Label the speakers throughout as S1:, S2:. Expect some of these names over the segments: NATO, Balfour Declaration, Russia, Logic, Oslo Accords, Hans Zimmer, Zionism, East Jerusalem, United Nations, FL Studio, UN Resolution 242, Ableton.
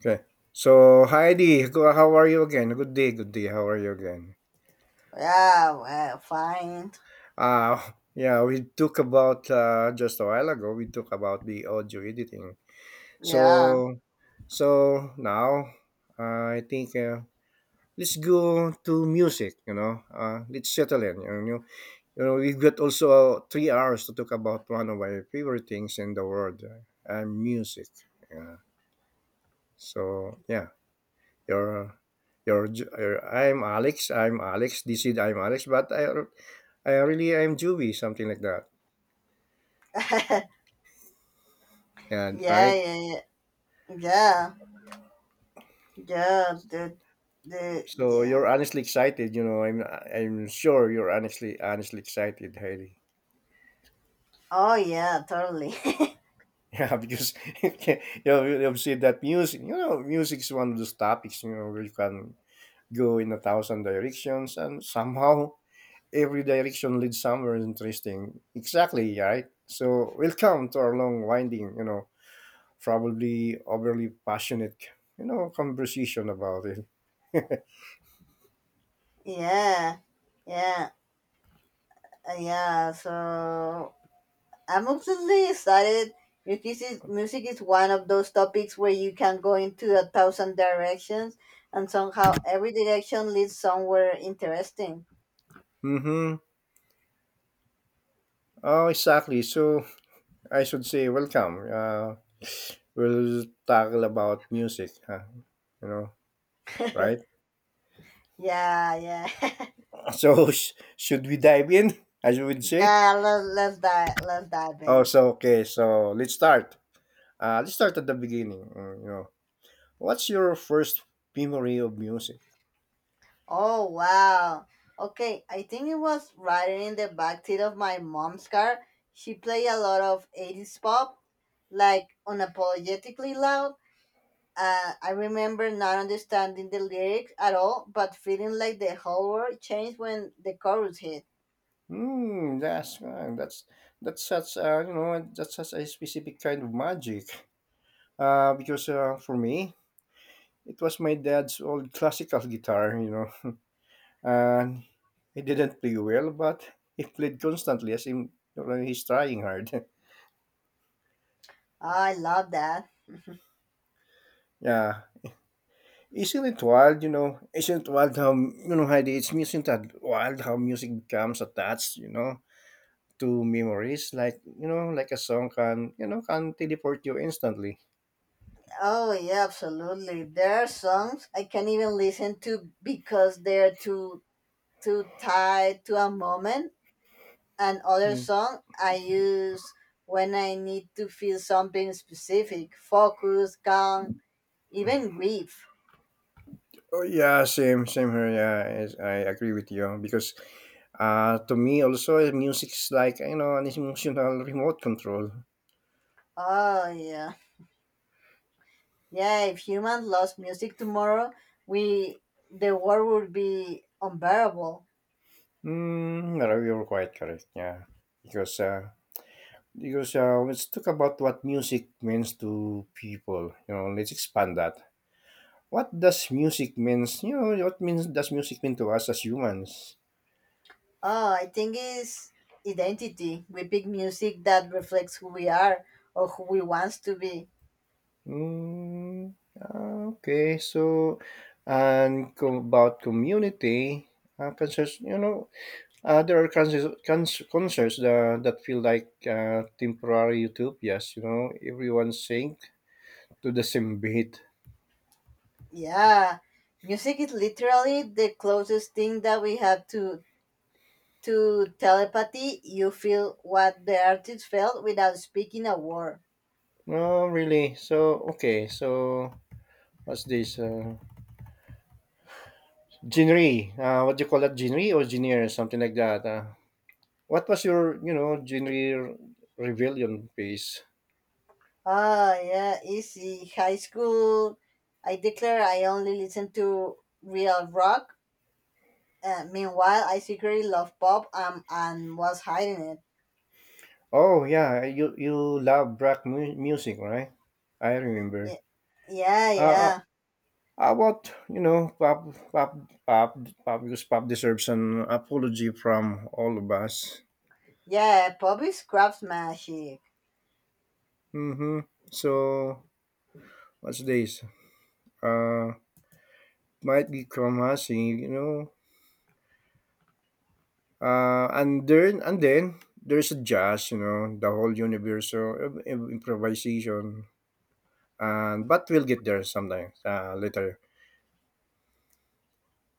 S1: Okay. So, Heidi, how are you again? Good day, good day. How are you again?
S2: Yeah, well, fine.
S1: Uh, yeah, we talked about just a while ago, we talked about the audio editing.
S2: Yeah,
S1: So, so now I think let's go to music, let's settle in. You know, we've got also 3 hours to talk about one of my favorite things in the world, music. Yeah. So, yeah. Your your "I'm Alex, I'm Alex, this is I'm Alex, but I really am Joey," something like that. Yeah,
S2: yeah,
S1: right?
S2: yeah, yeah, yeah, yeah,
S1: So
S2: yeah.
S1: you're honestly excited, I'm sure you're honestly excited, Hailey.
S2: Oh, yeah, totally.
S1: Yeah, because you know, you have seen that music you know, music is one of those topics, where you can go in a thousand directions and somehow every direction leads somewhere interesting. Exactly, right? So welcome to our long winding, probably overly passionate, conversation about it.
S2: yeah, yeah, yeah. So I'm absolutely excited. Music is one of those topics where you can go into a thousand directions, and somehow every direction leads somewhere interesting.
S1: Mm-hmm. Oh, exactly. So I should say welcome. We'll tackle about music, huh? You know, right?
S2: Yeah, yeah,
S1: So should we dive in? As you would say.
S2: yeah. Let's dive
S1: Oh,
S2: in.
S1: so okay. So let's start. Let's start at the beginning. You know, what's your first memory of music?
S2: Oh wow. Okay, I think it was riding in the backseat of my mom's car. She played a lot of 80s pop, like unapologetically loud. I remember not understanding the lyrics at all, but feeling like the whole world changed when the chorus hit.
S1: Hmm. That's such you know that's such a specific kind of magic. Because for me, it was my dad's old classical guitar, you know, and he didn't play well, but he played constantly as in he's trying hard.
S2: Oh, I love that.
S1: Yeah, isn't it wild, you know? Isn't it wild how Heidi? It's Isn't that wild how music becomes attached, you know, to memories, like a song can can teleport you instantly.
S2: Oh yeah, absolutely. There are songs I can't even listen to because they're too tied to a moment. Another
S1: Mm.
S2: song I use when I need to feel something specific: focus, calm, even grief.
S1: Oh yeah, same, same here. Yeah, I agree with you because to me also, music is like, you know, an emotional remote control.
S2: Oh, yeah. Yeah, if humans lost music tomorrow, we the world would be unbearable.
S1: Mm, no, you're quite correct, yeah. Because, uh, because let's talk about what music means to people. You know, let's expand that. What does music means? You know, what means does music mean to us as humans?
S2: Oh, I think it's identity. We pick music that reflects who we are or who we want to be.
S1: Mm, ah, okay, so and about community concerns. You know, uh, there are concerts, concerts that feel like temporary utopias, you know, everyone sing to the same beat.
S2: Yeah. Music is literally the closest thing that we have to telepathy. You feel what the artist felt without speaking a word.
S1: No, really. So, okay, so what's this? Genre. What do you call that? Genre or genre? Something like that. What was your, you know, genre rebellion piece?
S2: Ah, yeah, easy. High school, I declare I only listen to real rock. Meanwhile, I secretly love pop and was hiding it.
S1: Oh, yeah, you love rock music, right? I remember.
S2: Ye- Yeah,
S1: Uh,
S2: yeah.
S1: Uh, what Pop, Pop, Pop, Pop, because Pop deserves an apology from all of us.
S2: Yeah, pop is craftsmanship.
S1: Mm-hmm. So what's this? Uh, might be Kromasi, you know. And then there's a jazz, you know, the whole universe of improvisation. And but we'll get there sometime later.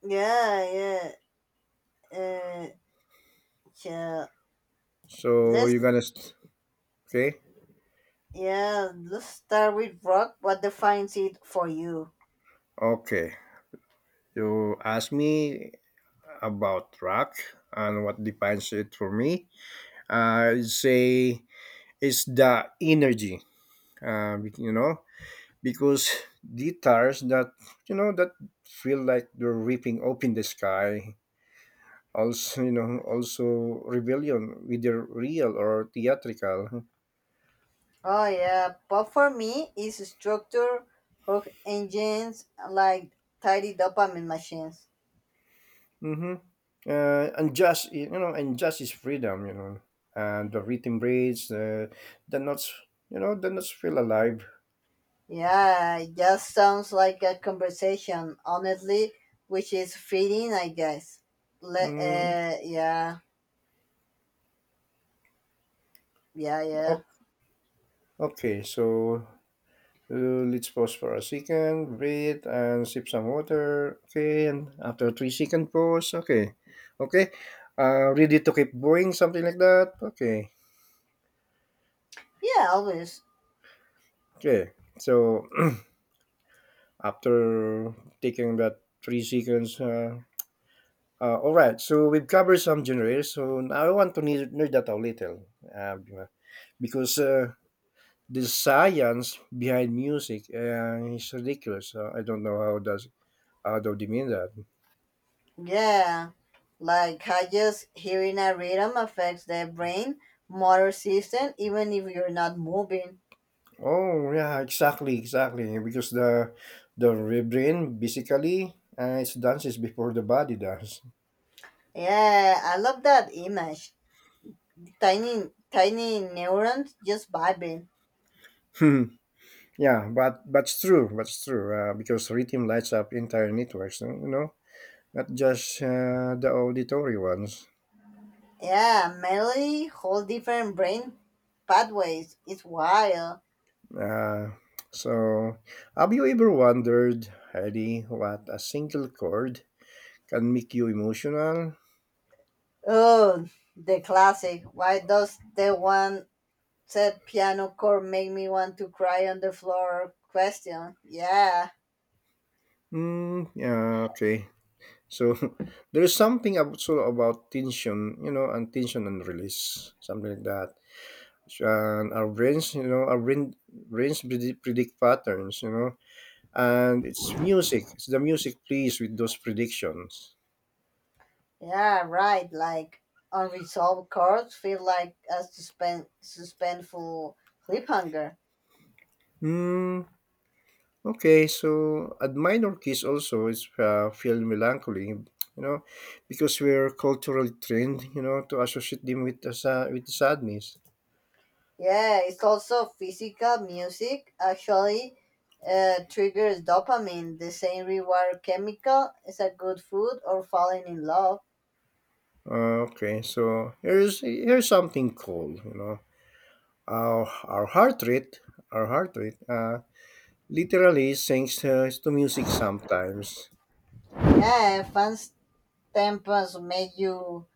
S2: Yeah, yeah. Uh, yeah.
S1: So you're
S2: Let's,
S1: gonna okay,
S2: yeah, let's start with rock. What defines it for you?
S1: okay. You ask me about rock and what defines it for me say is the energy you know because guitars that that feel like they're ripping open the sky, also you know also rebellion whether real or theatrical.
S2: Oh yeah, but for me, it's structure hook engines like tidy dopamine machines.
S1: Hmm. And just you know and just is freedom you know and the rhythm breaks the notes the notes feel alive.
S2: Yeah, it just sounds like a conversation, honestly, which is feeding, I guess.
S1: Mm,
S2: Yeah, yeah, yeah,
S1: o- okay, so uh, let's pause for a second, breathe, and sip some water. Okay, and after 3 second pause, okay, okay, ready to keep going, something like that. Okay,
S2: yeah, always,
S1: okay. So after taking that 3 seconds, all right. So we've covered some generators. So now I want to nerd that out a little, because the science behind music is ridiculous. I don't know how does how do they mean that.
S2: yeah. Like how just hearing a rhythm affects the brain motor system, even if you're not moving.
S1: Oh yeah, exactly, exactly. Because the brain basically it dances before the body does.
S2: Yeah, I love that image. Tiny, tiny neurons just vibing.
S1: Hmm. Yeah, but that's true. That's true. Because rhythm lights up entire networks. You know, not just the auditory ones.
S2: Yeah, melody, whole different brain pathways. It's wild.
S1: Uh, so, have you ever wondered, Heidi, what a single chord can make you emotional?
S2: Oh, the classic. Why does the one said piano chord make me want to cry on the floor? Question. Yeah,
S1: Mm, yeah, okay. So there is something also about tension, you know, and tension and release, something like that. And our brains, you know, our brains predict, predict patterns, you know, and it's music. It's the music plays with those predictions.
S2: yeah, right. Like unresolved chords feel like a suspenseful cliffhanger.
S1: Hmm. Okay, so at minor keys also is feel melancholy, you know, because we're culturally trained, you know, to associate them with with sadness.
S2: Yeah, it's also physical music actually triggers dopamine, the same reward chemical as a good food or falling in love.
S1: Okay, so here's something cool, you know. Our our heart rate, our heart rate, literally sinks to music sometimes.
S2: Yeah, fans tempos make you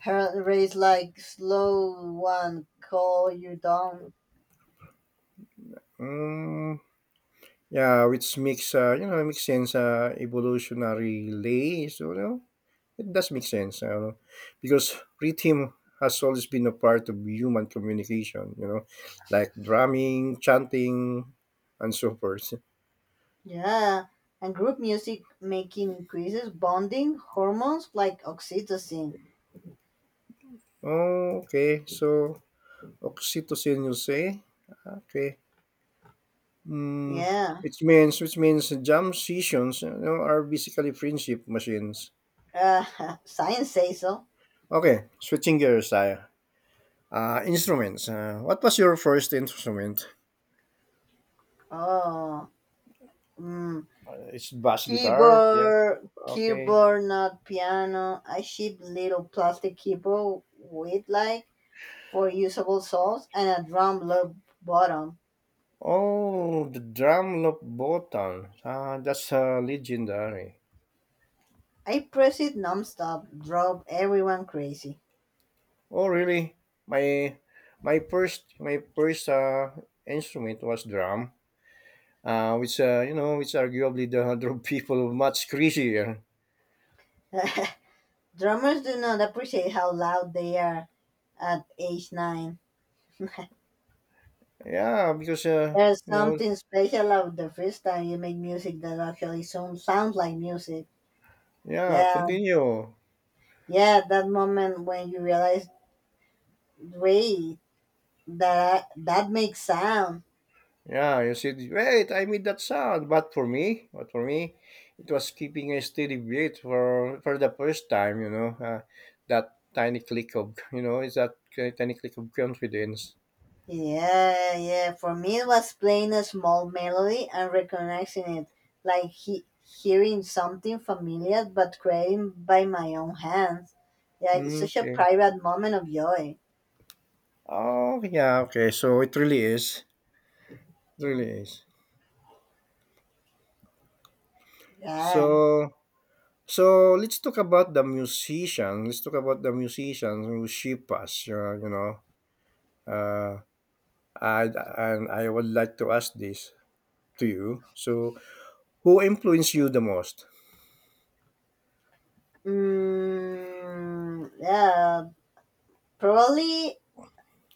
S2: heart race like slow one call you down.
S1: Mm, yeah, which makes you know makes sense evolutionary lay. So you know, it does make sense. You know, because rhythm has always been a part of human communication. You know, like drumming, chanting, and so forth.
S2: Yeah, and group music making increases bonding hormones like oxytocin.
S1: Oh, okay. So oxytocin, you say? Okay. Mm,
S2: Yeah,
S1: which means jam sessions, you know, are basically friendship machines.
S2: science says so.
S1: Okay, switching gears tayo. Instruments. What was your first instrument?
S2: Oh, mm.
S1: It's bass guitar. Yep.
S2: Keyboard,
S1: Okay.
S2: keyboard, not piano. I ship little plastic keyboard with like four usable soles and a drum loop bottom.
S1: Oh, the drum loop button. Ah, that's legendary.
S2: I press it nonstop, drove everyone crazy.
S1: Oh, really? My my first instrument was drum. Which you know, which arguably the other people much crazier.
S2: Drummers do not appreciate how loud they are at age nine.
S1: Yeah, because,
S2: There's
S1: you know
S2: something special about the first time you make music that actually sounds like music.
S1: yeah,
S2: Yeah,
S1: continue.
S2: yeah, that moment when you realize, wait, that makes sound.
S1: Yeah, you said, "Wait, I made that sound." But for me, it was keeping a steady beat for the first time, you know, that tiny click of, you know, is that ki tiny click of confidence.
S2: Yeah, yeah. For me, it was playing a small melody and recognizing it, like hearing something familiar but created by my own hands. Yeah, it's
S1: Mm,
S2: such a
S1: okay.
S2: private moment of joy.
S1: Oh, yeah, okay. So it really is. It really is.
S2: Yeah.
S1: So so let's talk about the musician. Let's talk about the musicians who shape us, you know, uh and I would like to ask this to you. So, who influenced you the most?
S2: Mm, yeah. Probably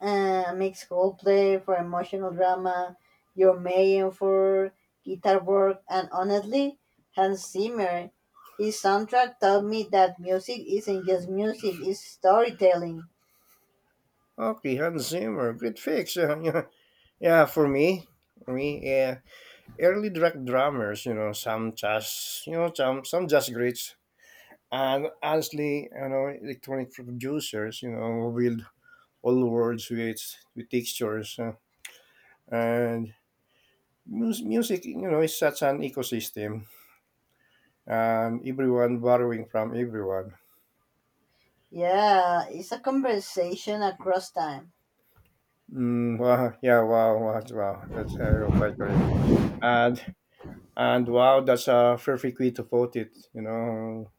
S2: makes play for emotional drama, Your Mayen for guitar work, and honestly, Hans Zimmer. His soundtrack taught me that music isn't just music, it's storytelling.
S1: Okay, Hans Zimmer, good fix. Yeah, yeah, for me, yeah, early drag drummers, you know, some jazz, you know, some jazz greats, and honestly, you know, electronic producers, you know, with all words with textures and music. You know, is such an ecosystem, and everyone borrowing from everyone.
S2: Yeah, it's a conversation across time.
S1: Mm, wow, yeah, wow, wow, wow. That's I quite great. And and wow, that's a perfect way to put it. You know,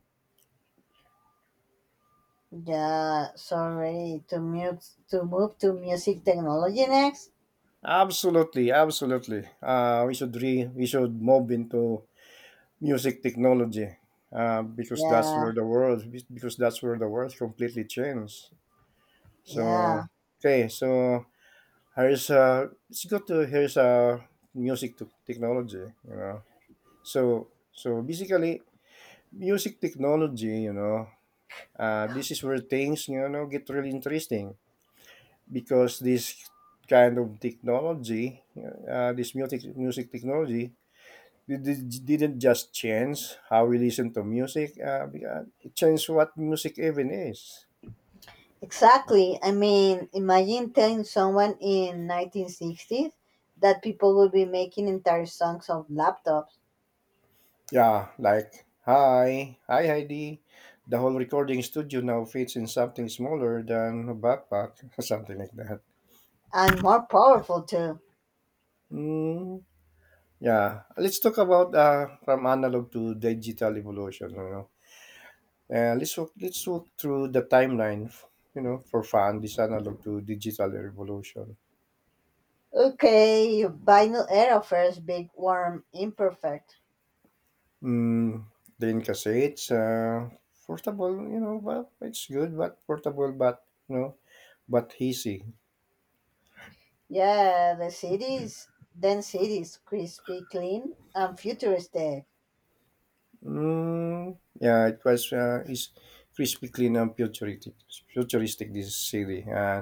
S2: Yeah, sorry to move to music technology next.
S1: absolutely, absolutely. We should re we should move into music technology. Because that's
S2: Yeah,
S1: where the world because that's where the world completely changed.
S2: yeah.
S1: So okay, so here's it's good to here's music to technology. You know, so so basically music technology. You know, uh, this is where things, you know, get really interesting because this kind of technology, this music technology, it didn't just change how we listen to music. It changed what music even is.
S2: Exactly. I mean, imagine telling someone in 1960s that people would be making entire songs of laptops,
S1: Yeah, like hi, hi Heidi. The whole recording studio now fits in something smaller than a backpack, something like that.
S2: and more powerful too.
S1: Mm, yeah, let's talk about from analog to digital evolution. You know? Let's walk through the timeline, you know, for fun, this analog to digital revolution.
S2: Okay, vinyl era first big warm imperfect.
S1: Mm, then cassettes, portable, you know, well, it's good, but portable, but, you know, but easy.
S2: Yeah, then cities, crispy, clean, and futuristic.
S1: Mm, yeah, it was, is crispy clean and futuristic, futuristic this city.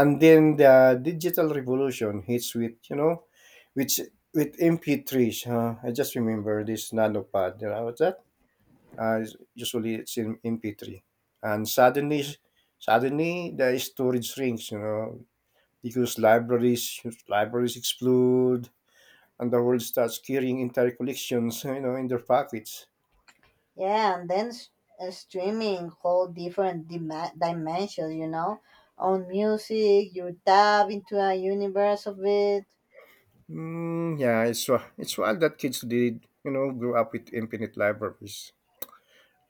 S1: And then the digital revolution hits with, you know, which with MP3s, huh? I just remember this nanopad, you know, that uh, usually it's in MP3. And suddenly, suddenly the storage shrinks, you know, because libraries explode, and the world starts carrying entire collections, you know, in their pockets.
S2: Yeah, and then streaming whole different dimensions, you know, on music. You tap into a universe of it.
S1: Mm, yeah, it's it's wild that kids did, you know, grow up with infinite libraries.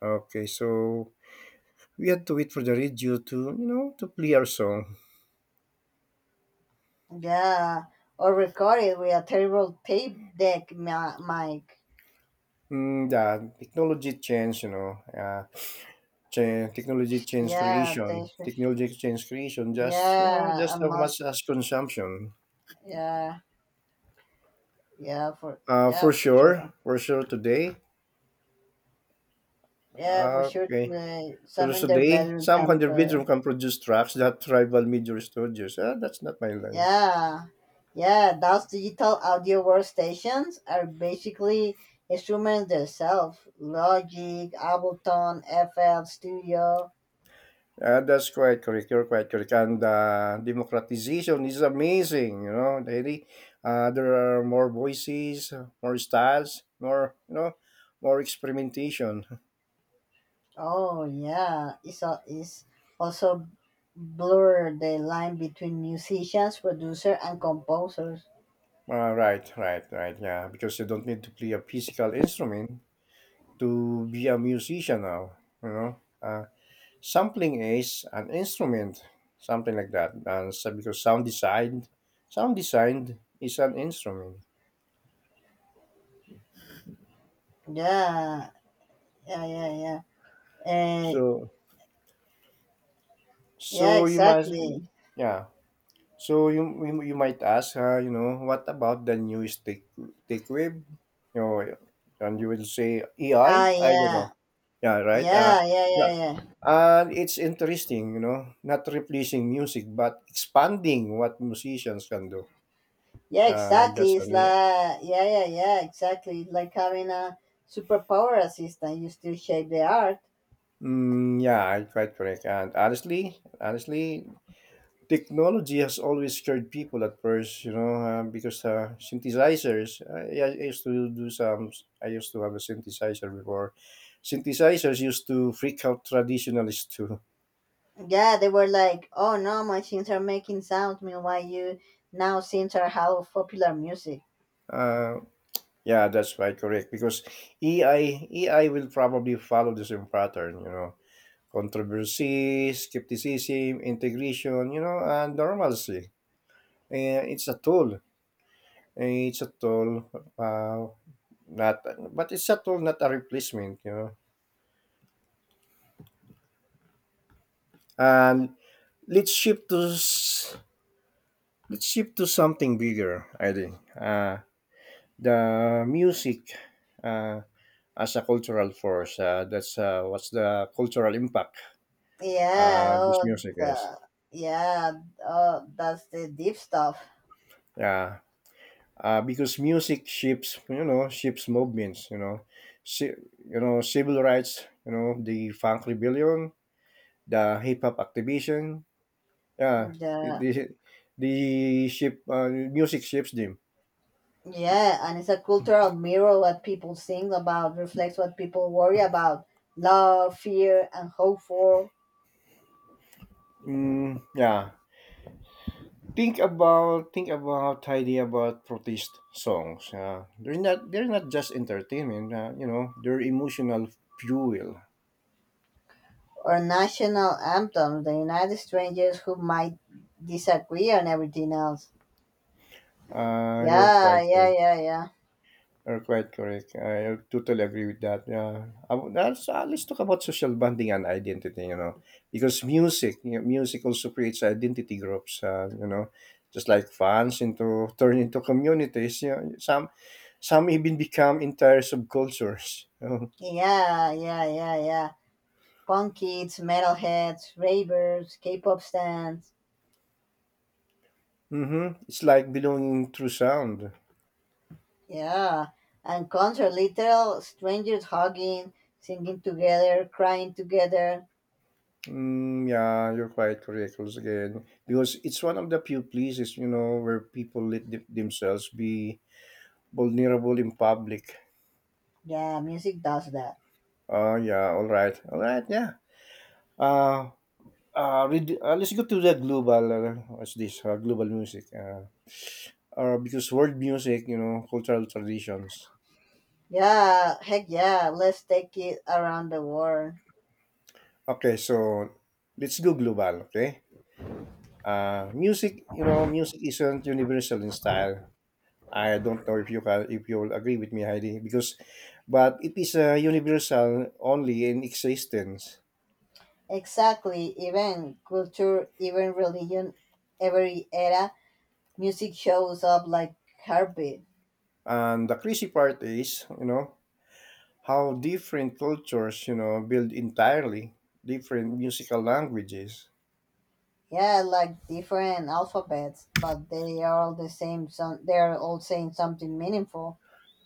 S1: Okay, so we had to wait for the radio to, you know, to play our song.
S2: Yeah, or record it with a terrible tape deck mic.
S1: Mm, yeah, technology changed, you know. Yeah,
S2: Yeah, that's,
S1: Technology change creation. Just you know,
S2: yeah,
S1: just
S2: a
S1: as much
S2: must.
S1: as consumption.
S2: Yeah, yeah, for yeah, for sure.
S1: For sure today.
S2: Yeah, for sure.
S1: Okay, so
S2: Some in their
S1: today,
S2: bedroom
S1: some hundred
S2: camper.
S1: bedroom can produce tracks that rival major studios. Ah, that's not my line.
S2: Yeah, yeah. Those digital audio workstations are basically instruments themselves. Logic, Ableton, FL Studio.
S1: That's quite correct. You're quite correct. And democratization is amazing. You know, really. There are more voices, more styles, more more experimentation.
S2: Oh yeah, it's also blur the line between musicians, producer, and composers.
S1: Right, right, right. Yeah, because you don't need to play a physical instrument to be a musician now. You know, sampling is an instrument, something like that. And so because sound design is an instrument.
S2: Yeah, yeah, yeah, yeah.
S1: So,
S2: Yeah,
S1: so you might,
S2: exactly.
S1: yeah. So you might ask, you know, what about the new stick wave? You know, and you will say AI.
S2: Ah,
S1: I don't know.
S2: yeah,
S1: Yeah, right.
S2: yeah, yeah, yeah, yeah.
S1: And it's interesting, you know, not replacing music, but expanding what musicians can do.
S2: Yeah,
S1: That's
S2: exactly.
S1: for
S2: It's
S1: me.
S2: like yeah, yeah, yeah, exactly. It's like having a superpower assistant. You still shape the art.
S1: Mm, yeah, I quite correct. And honestly, honestly, technology has always scared people at first, you know, because synthesizers. I used to do some. I used to have a synthesizer before. Synthesizers used to freak out traditionalists too.
S2: Yeah, they were like, oh no, machines are making sounds. Meanwhile, you now synths are half of popular music.
S1: Uh, yeah, that's quite correct because AI will probably follow the same pattern, you know. Controversy, skepticism, integration, you know, and normalcy. It's a tool. It's a tool, uh, not, but it's a tool, not a replacement, you know. And let's shift to s- let's shift to something bigger. I think the music uh, as a cultural force. That's what's the cultural impact
S2: Yeah,
S1: this
S2: oh,
S1: music is.
S2: the, yeah, oh, that's the deep stuff.
S1: Yeah, because music shapes, you know, shapes movements, you know. Ci- you know, civil rights, you know, the funk rebellion, the hip hop activation, yeah,
S2: The,
S1: the the shape music shapes them.
S2: yeah, and it's a cultural mirror. What people sing about reflects what people worry about: love, fear, and hope for.
S1: Mm, yeah, think about idea about protest songs. Yeah, they're not just entertainment, you know, they're emotional fuel.
S2: Or national anthems, the United Strangers who might disagree on everything else.
S1: You're quite
S2: Yeah, yeah,
S1: right.
S2: yeah, yeah.
S1: You're quite correct. I totally agree with that. Yeah, let's talk about social bonding and identity. You know, because music, you know, music also creates identity groups. You know, just like fans into turn into communities. You know, some even become entire subcultures. You know?
S2: Yeah, yeah, yeah, yeah. Punk kids, metalheads, ravers, K pop stands.
S1: Mm-hmm. It's like belonging through sound.
S2: Yeah, and concert, literal strangers hugging, singing together, crying together.
S1: Mm, yeah, you're quite correct once again because it's one of the few places, you know, where people themselves be vulnerable in public.
S2: Yeah, music does that.
S1: Oh, yeah. All right. All right. Yeah. Uh, let's go to the global, what's this, global music. Because world music, you know, cultural traditions.
S2: Yeah, heck yeah, let's take it around the world.
S1: Okay, so let's go global, okay? Music, you know, music isn't universal in style. I don't know if you can, if you'll agree with me, Heidi, because, but it is universal only in existence.
S2: Exactly, even culture, even religion, every era, music shows up like heartbeat.
S1: And the crazy part is, you know, how different cultures, you know, build entirely different musical languages.
S2: Yeah, like different alphabets, but they are all the same. Some They are all saying something meaningful.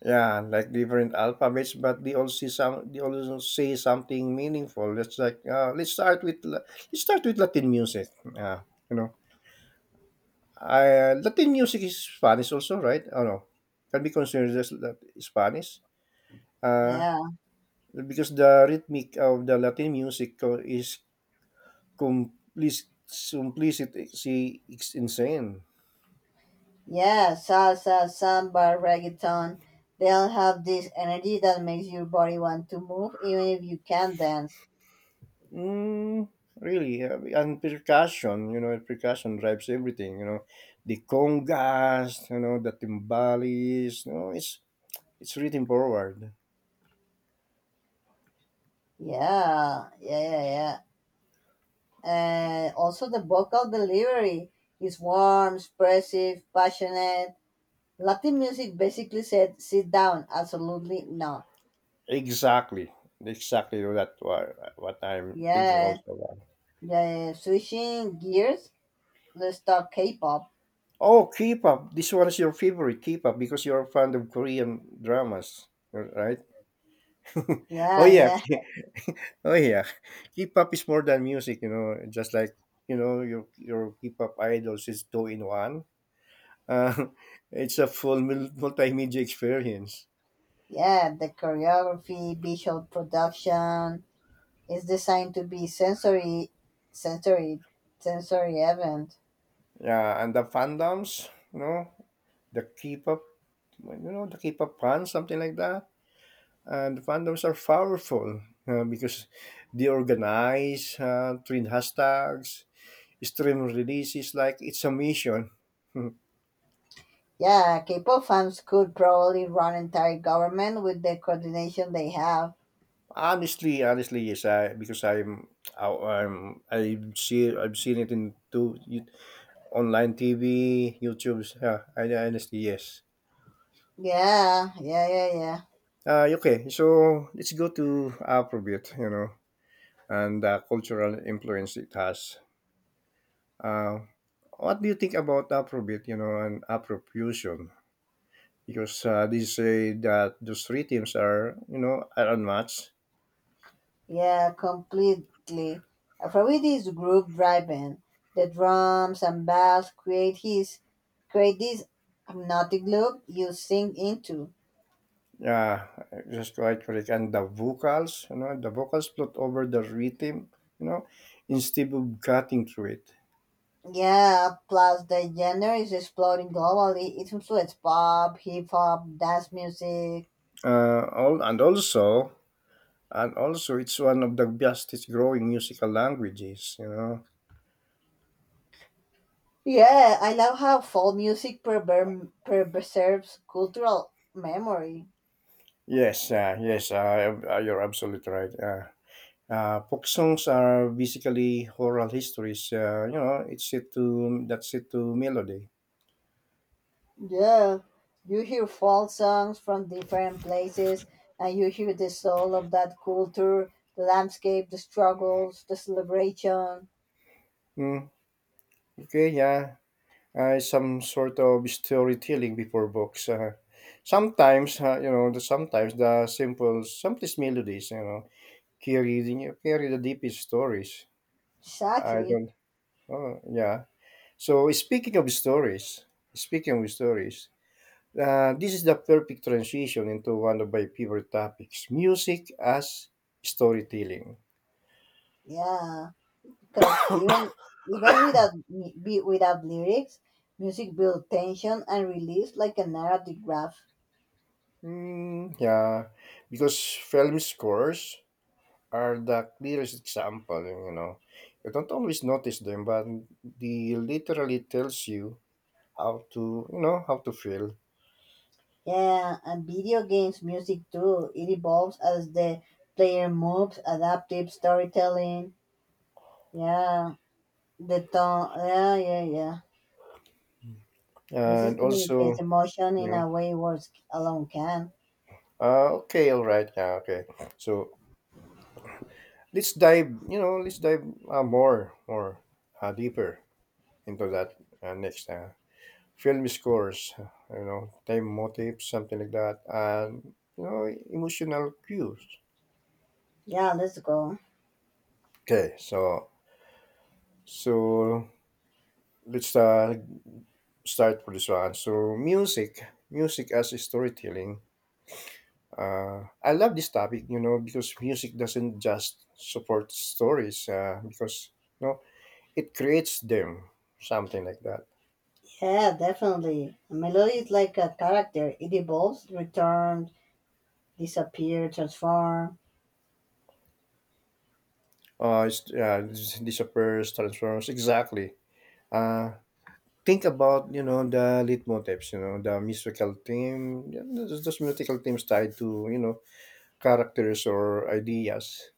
S1: Yeah, like different alphabets, but they all see some. They all say something meaningful. Let's let's start with Latin music. Yeah, you know, Latin music is Spanish also, right? Oh no, can be considered as Spanish. Uh,
S2: Yeah.
S1: because the rhythmic of the Latin music simplicity is insane.
S2: Yeah, salsa, samba, reggaeton, they all have this energy that makes your body want to move even if you can't dance.
S1: Mm, really, and percussion, you know, percussion drives everything, you know, the congas, you know, the timbales, you know, it's written forward.
S2: Yeah, yeah, yeah, yeah. And also the vocal delivery is warm, expressive, passionate. Latin music basically said, sit down, absolutely not.
S1: Exactly, exactly that what I'm thinking
S2: Yeah,
S1: also about.
S2: yeah, yeah. Switching gears, let's talk K-pop.
S1: Oh, K-pop, this one is your favorite K-pop because you're fond of Korean dramas, right? oh
S2: Yeah,
S1: yeah,
S2: yeah,
S1: K- oh yeah, K-pop is more than music, you know, just like, you know, your K-pop idols is two in one. Uh, it's a full multimedia experience.
S2: yeah. The choreography, visual production. It's designed to be sensory, sensory, sensory event.
S1: Yeah, and the fandoms, you know, the K-pop, you know, the K-pop fans, something like that. And the fandoms are powerful, because they organize, trend hashtags, stream releases like it's a mission.
S2: Yeah, K-pop fans could probably run entire government with the coordination they have.
S1: Honestly, honestly, yes, I because I'm, I, I'm I've seen, I've seen it in two you, online TV, YouTube. Yeah, I, honestly, yes.
S2: Yeah, yeah, yeah, yeah,
S1: Okay, so let's go to Afrobeat, you know, and the cultural influence it has. Uh, what do you think about Afrobeat, you know, and Afrofusion? Because they say that those three teams are, you know, are unmatched.
S2: yeah, completely. Afrobeat is group driven. The drums and bass create this hypnotic loop you sink into.
S1: Yeah, just quite correct. And the vocals, you know, the vocals float over the rhythm, you know, instead of cutting through it.
S2: Yeah, plus the genre is exploding globally. It includes pop, hip hop, dance music.
S1: Uh, all, and also, and also, it's one of the fastest growing musical languages, you know.
S2: Yeah, I love how folk music preserves cultural memory.
S1: Yes, yes, you're absolutely right. Folk songs are basically oral histories. You know, it's set to that's it to melody.
S2: Yeah, you hear folk songs from different places and you hear the soul of that culture, the landscape, the struggles, the celebration.
S1: Mm, okay, yeah, some sort of storytelling before books. Sometimes, you know, the sometimes the simple, simplest melodies, you know, carry the deepest stories. I
S2: Exactly.
S1: don't. Oh, yeah. So speaking of stories. This is the perfect transition into one of my favorite topics: music as storytelling.
S2: Yeah, because even without without lyrics, music builds tension and release like a narrative graph.
S1: Mm, yeah, because film scores are the clearest example, you know. You don't always notice them, but they literally tells you how to, you know, how to feel.
S2: Yeah, and video games music too. It evolves as the player moves, adaptive storytelling. Yeah, the tone. Yeah, yeah, yeah. Music
S1: And
S2: communicates
S1: also,
S2: emotion
S1: you
S2: in
S1: know,
S2: a way words alone can.
S1: okay, all right, yeah, okay. So let's dive more, deeper into that next. Film scores, you know, time motifs, something like that, and, you know, emotional cues.
S2: Yeah, let's go.
S1: Okay, so so let's start for this one. So music as storytelling. I love this topic, you know, because music doesn't just support stories, because, you know, it creates them, something like that.
S2: Yeah, definitely. A melody is like a character. It evolves, returns, disappear, transform.
S1: Disappears, transforms, exactly. Uh, think about, you know, the leitmotifs, you know, the musical theme, yeah, those musical themes tied to, you know, characters or ideas.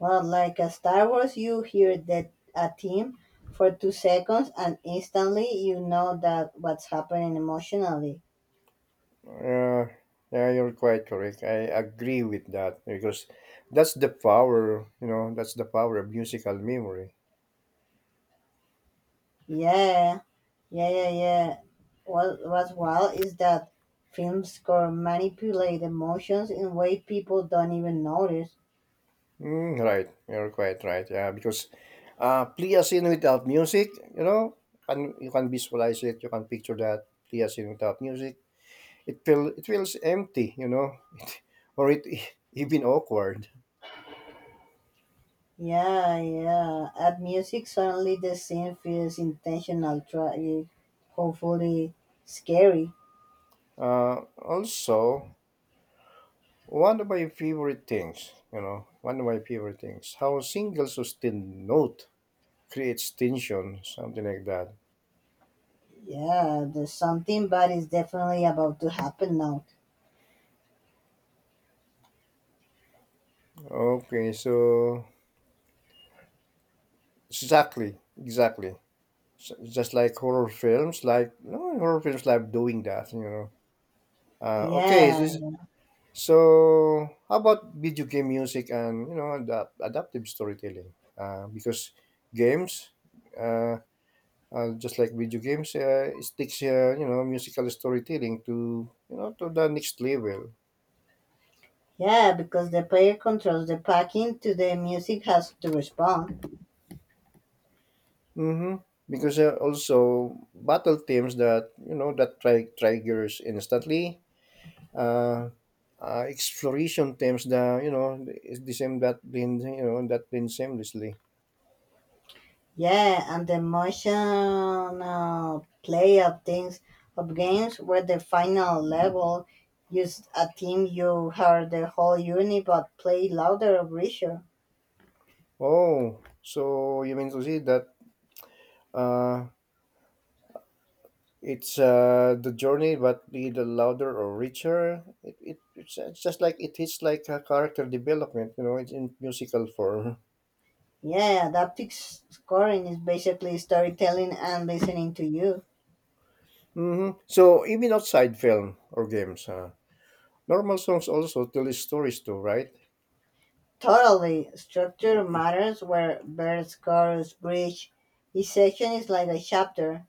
S2: Well, like a Star Wars, you hear that a theme for 2 seconds, and instantly you know that what's happening emotionally.
S1: Uh, yeah, you're quite correct. I agree with that because that's the power of musical memory.
S2: Yeah, yeah, yeah, yeah. What's wild is that films can manipulate emotions in way people don't even notice.
S1: Mm, right, you're quite right. Yeah, because play a scene without music, you know, can you can visualize it, you can picture that play a scene without music. It feels empty, you know, or it even awkward.
S2: Yeah, yeah. At music, suddenly the scene feels intentional, tragic, hopefully scary.
S1: Also, one of my favorite things, how single sustained note creates tension, something like that.
S2: Yeah, there's something bad is definitely about to happen now.
S1: Okay, so exactly, exactly. Just like horror films, like no horror films like doing that, you know. Okay, so,
S2: Yeah,
S1: so how about video game music and, you know, adaptive storytelling? Because games uh, just like video games, it takes, you know, musical storytelling to, you know, to the next level.
S2: yeah, because the player controls the packing to the music has to respond.
S1: Mm-hmm. Because also battle themes that, you know, that triggers instantly. Uh, Exploration themes that, you know, is the same that blend seamlessly.
S2: Yeah, and the emotional play of games where the final level used a team you heard the whole unit but play louder or richer.
S1: Oh, so you mean to say that uh, it's the journey, but be the louder or richer. It's just like it is like a character development, you know. It's in musical form.
S2: Yeah, adaptive scoring is basically storytelling and listening to you.
S1: Hmm. So even outside film or games, normal songs also tell stories too, right?
S2: Totally. Structure matters where bird scores bridge. Each section is like a chapter.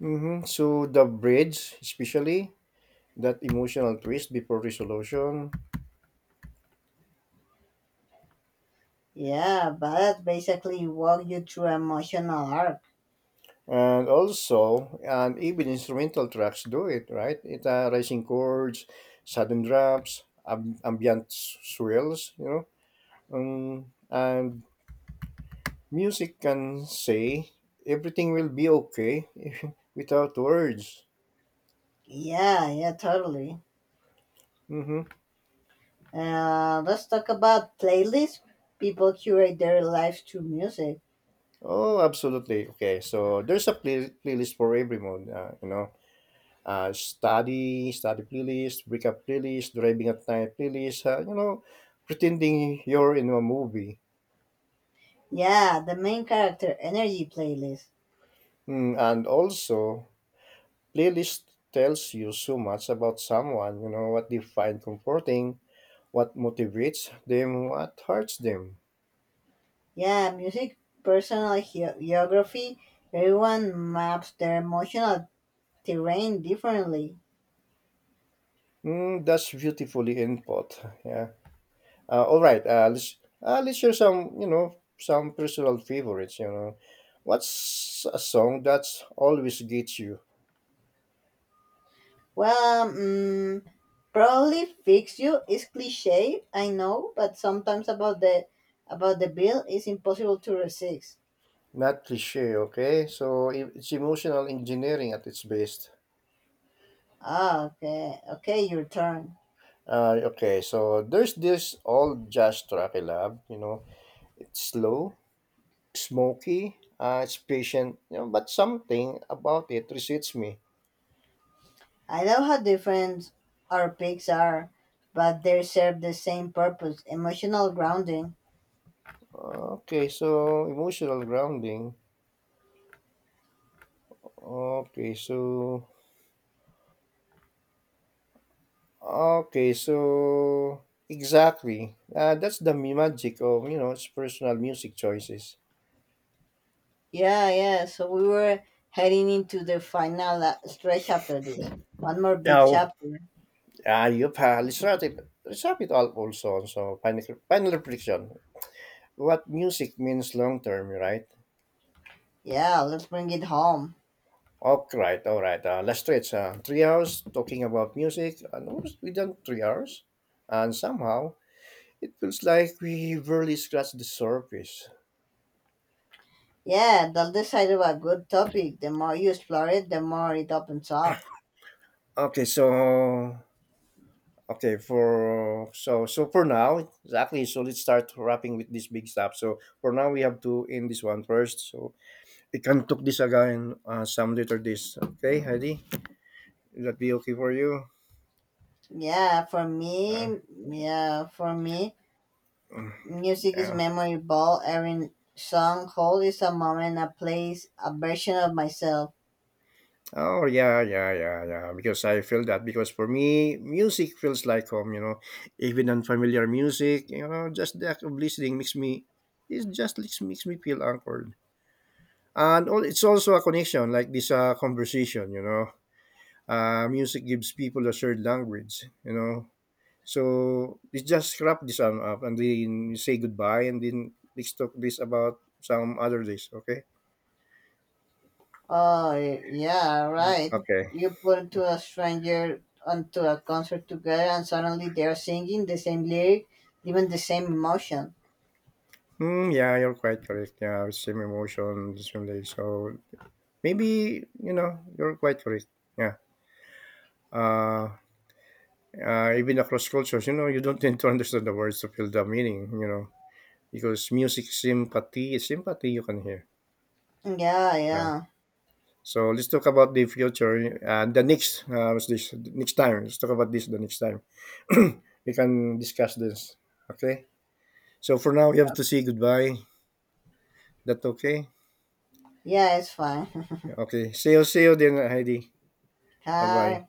S1: Mm-hmm. So the bridge, especially that emotional twist before resolution,
S2: Yeah, but basically walk you through emotional arc.
S1: and also and even instrumental tracks do it, right? It, rising chords, sudden drops, ambient swells, you know. And music can say everything will be okay without words.
S2: Yeah, yeah, totally.
S1: Mm-hmm.
S2: Let's talk about playlists. People curate their lives through music.
S1: Oh, absolutely. Okay, so there's a playlist for every mood. You know, study playlist, breakup playlist, driving at night playlist. You know, pretending you're in a movie.
S2: Yeah, the main character energy playlist.
S1: Mm, and also, playlist tells you so much about someone. You know what they find comforting, what motivates them, what hurts them.
S2: Yeah, music, personal geography. Everyone maps their emotional terrain differently.
S1: Mm, that's beautifully input. Yeah. All right. Let's share some, you know, some personal favorites. You know, what's a song that's always gets you?
S2: Well, mm, probably fix you is cliche, I know, but sometimes about the bill is impossible to resist.
S1: Not cliche. Okay. So it's emotional engineering at its best.
S2: Ah, okay, okay, your turn.
S1: Okay. So there's this old jazz track I love. You know, it's slow, smoky. It's patient. You know, but something about it resets me.
S2: I love how different our picks are, but they serve the same purpose: emotional grounding.
S1: Okay. So emotional grounding. Okay, so okay, so exactly. That's the magic of, you know, it's personal music choices.
S2: Yeah, yeah. So we were heading into the final stretch after this. One more big
S1: Now,
S2: chapter.
S1: you've let's wrap it all also on so final, final reflection. What music means long term, right?
S2: Yeah, let's bring it home.
S1: Okay, right, all right. Let's stretch 3 hours talking about music, and almost we done 3 hours, and somehow it feels like we barely scratched the surface.
S2: Yeah, that's the side of a good topic. The more you explore it, the more it opens up.
S1: Okay, so Okay, for now, exactly. So let's start wrapping with this big stuff. So for now, we have to end this one first. So we can talk this again, some later this. Okay, Heidi, will that be okay for you?
S2: Yeah,
S1: Uh,
S2: for me,
S1: mm,
S2: music is
S1: yeah.
S2: memorable. Every song hold is a moment, a place, a version of myself.
S1: Oh yeah, yeah, yeah, yeah. Because I feel that, because for me, music feels like home. You know, even unfamiliar music. You know, just the act of listening makes me. It just makes me feel anchored. And all, it's also a connection, like this conversation, you know. Music gives people a shared language, you know. So let's just wrap this one up and then say goodbye and then let's talk this about some other days, okay?
S2: Oh, yeah, right.
S1: Okay.
S2: You put to a stranger onto a concert together, and suddenly they are singing the same lyric, even the same emotion.
S1: Mm, yeah, you're quite correct. Yeah, same emotion, same day. So maybe, you know, you're quite correct. Yeah. Uh, Even across cultures, you know, you don't need to understand the words to feel the meaning, you know, because music sympathy you can hear.
S2: Yeah,
S1: Uh,
S2: yeah,
S1: So let's talk about the future. The next, what's this? Next time, let's talk about this. The next time, we can discuss this. Okay. So for now, we have to say goodbye. That okay?
S2: yeah. It's fine.
S1: Okay. See you. See you then, Heidi. Bye bye.
S2: Hi.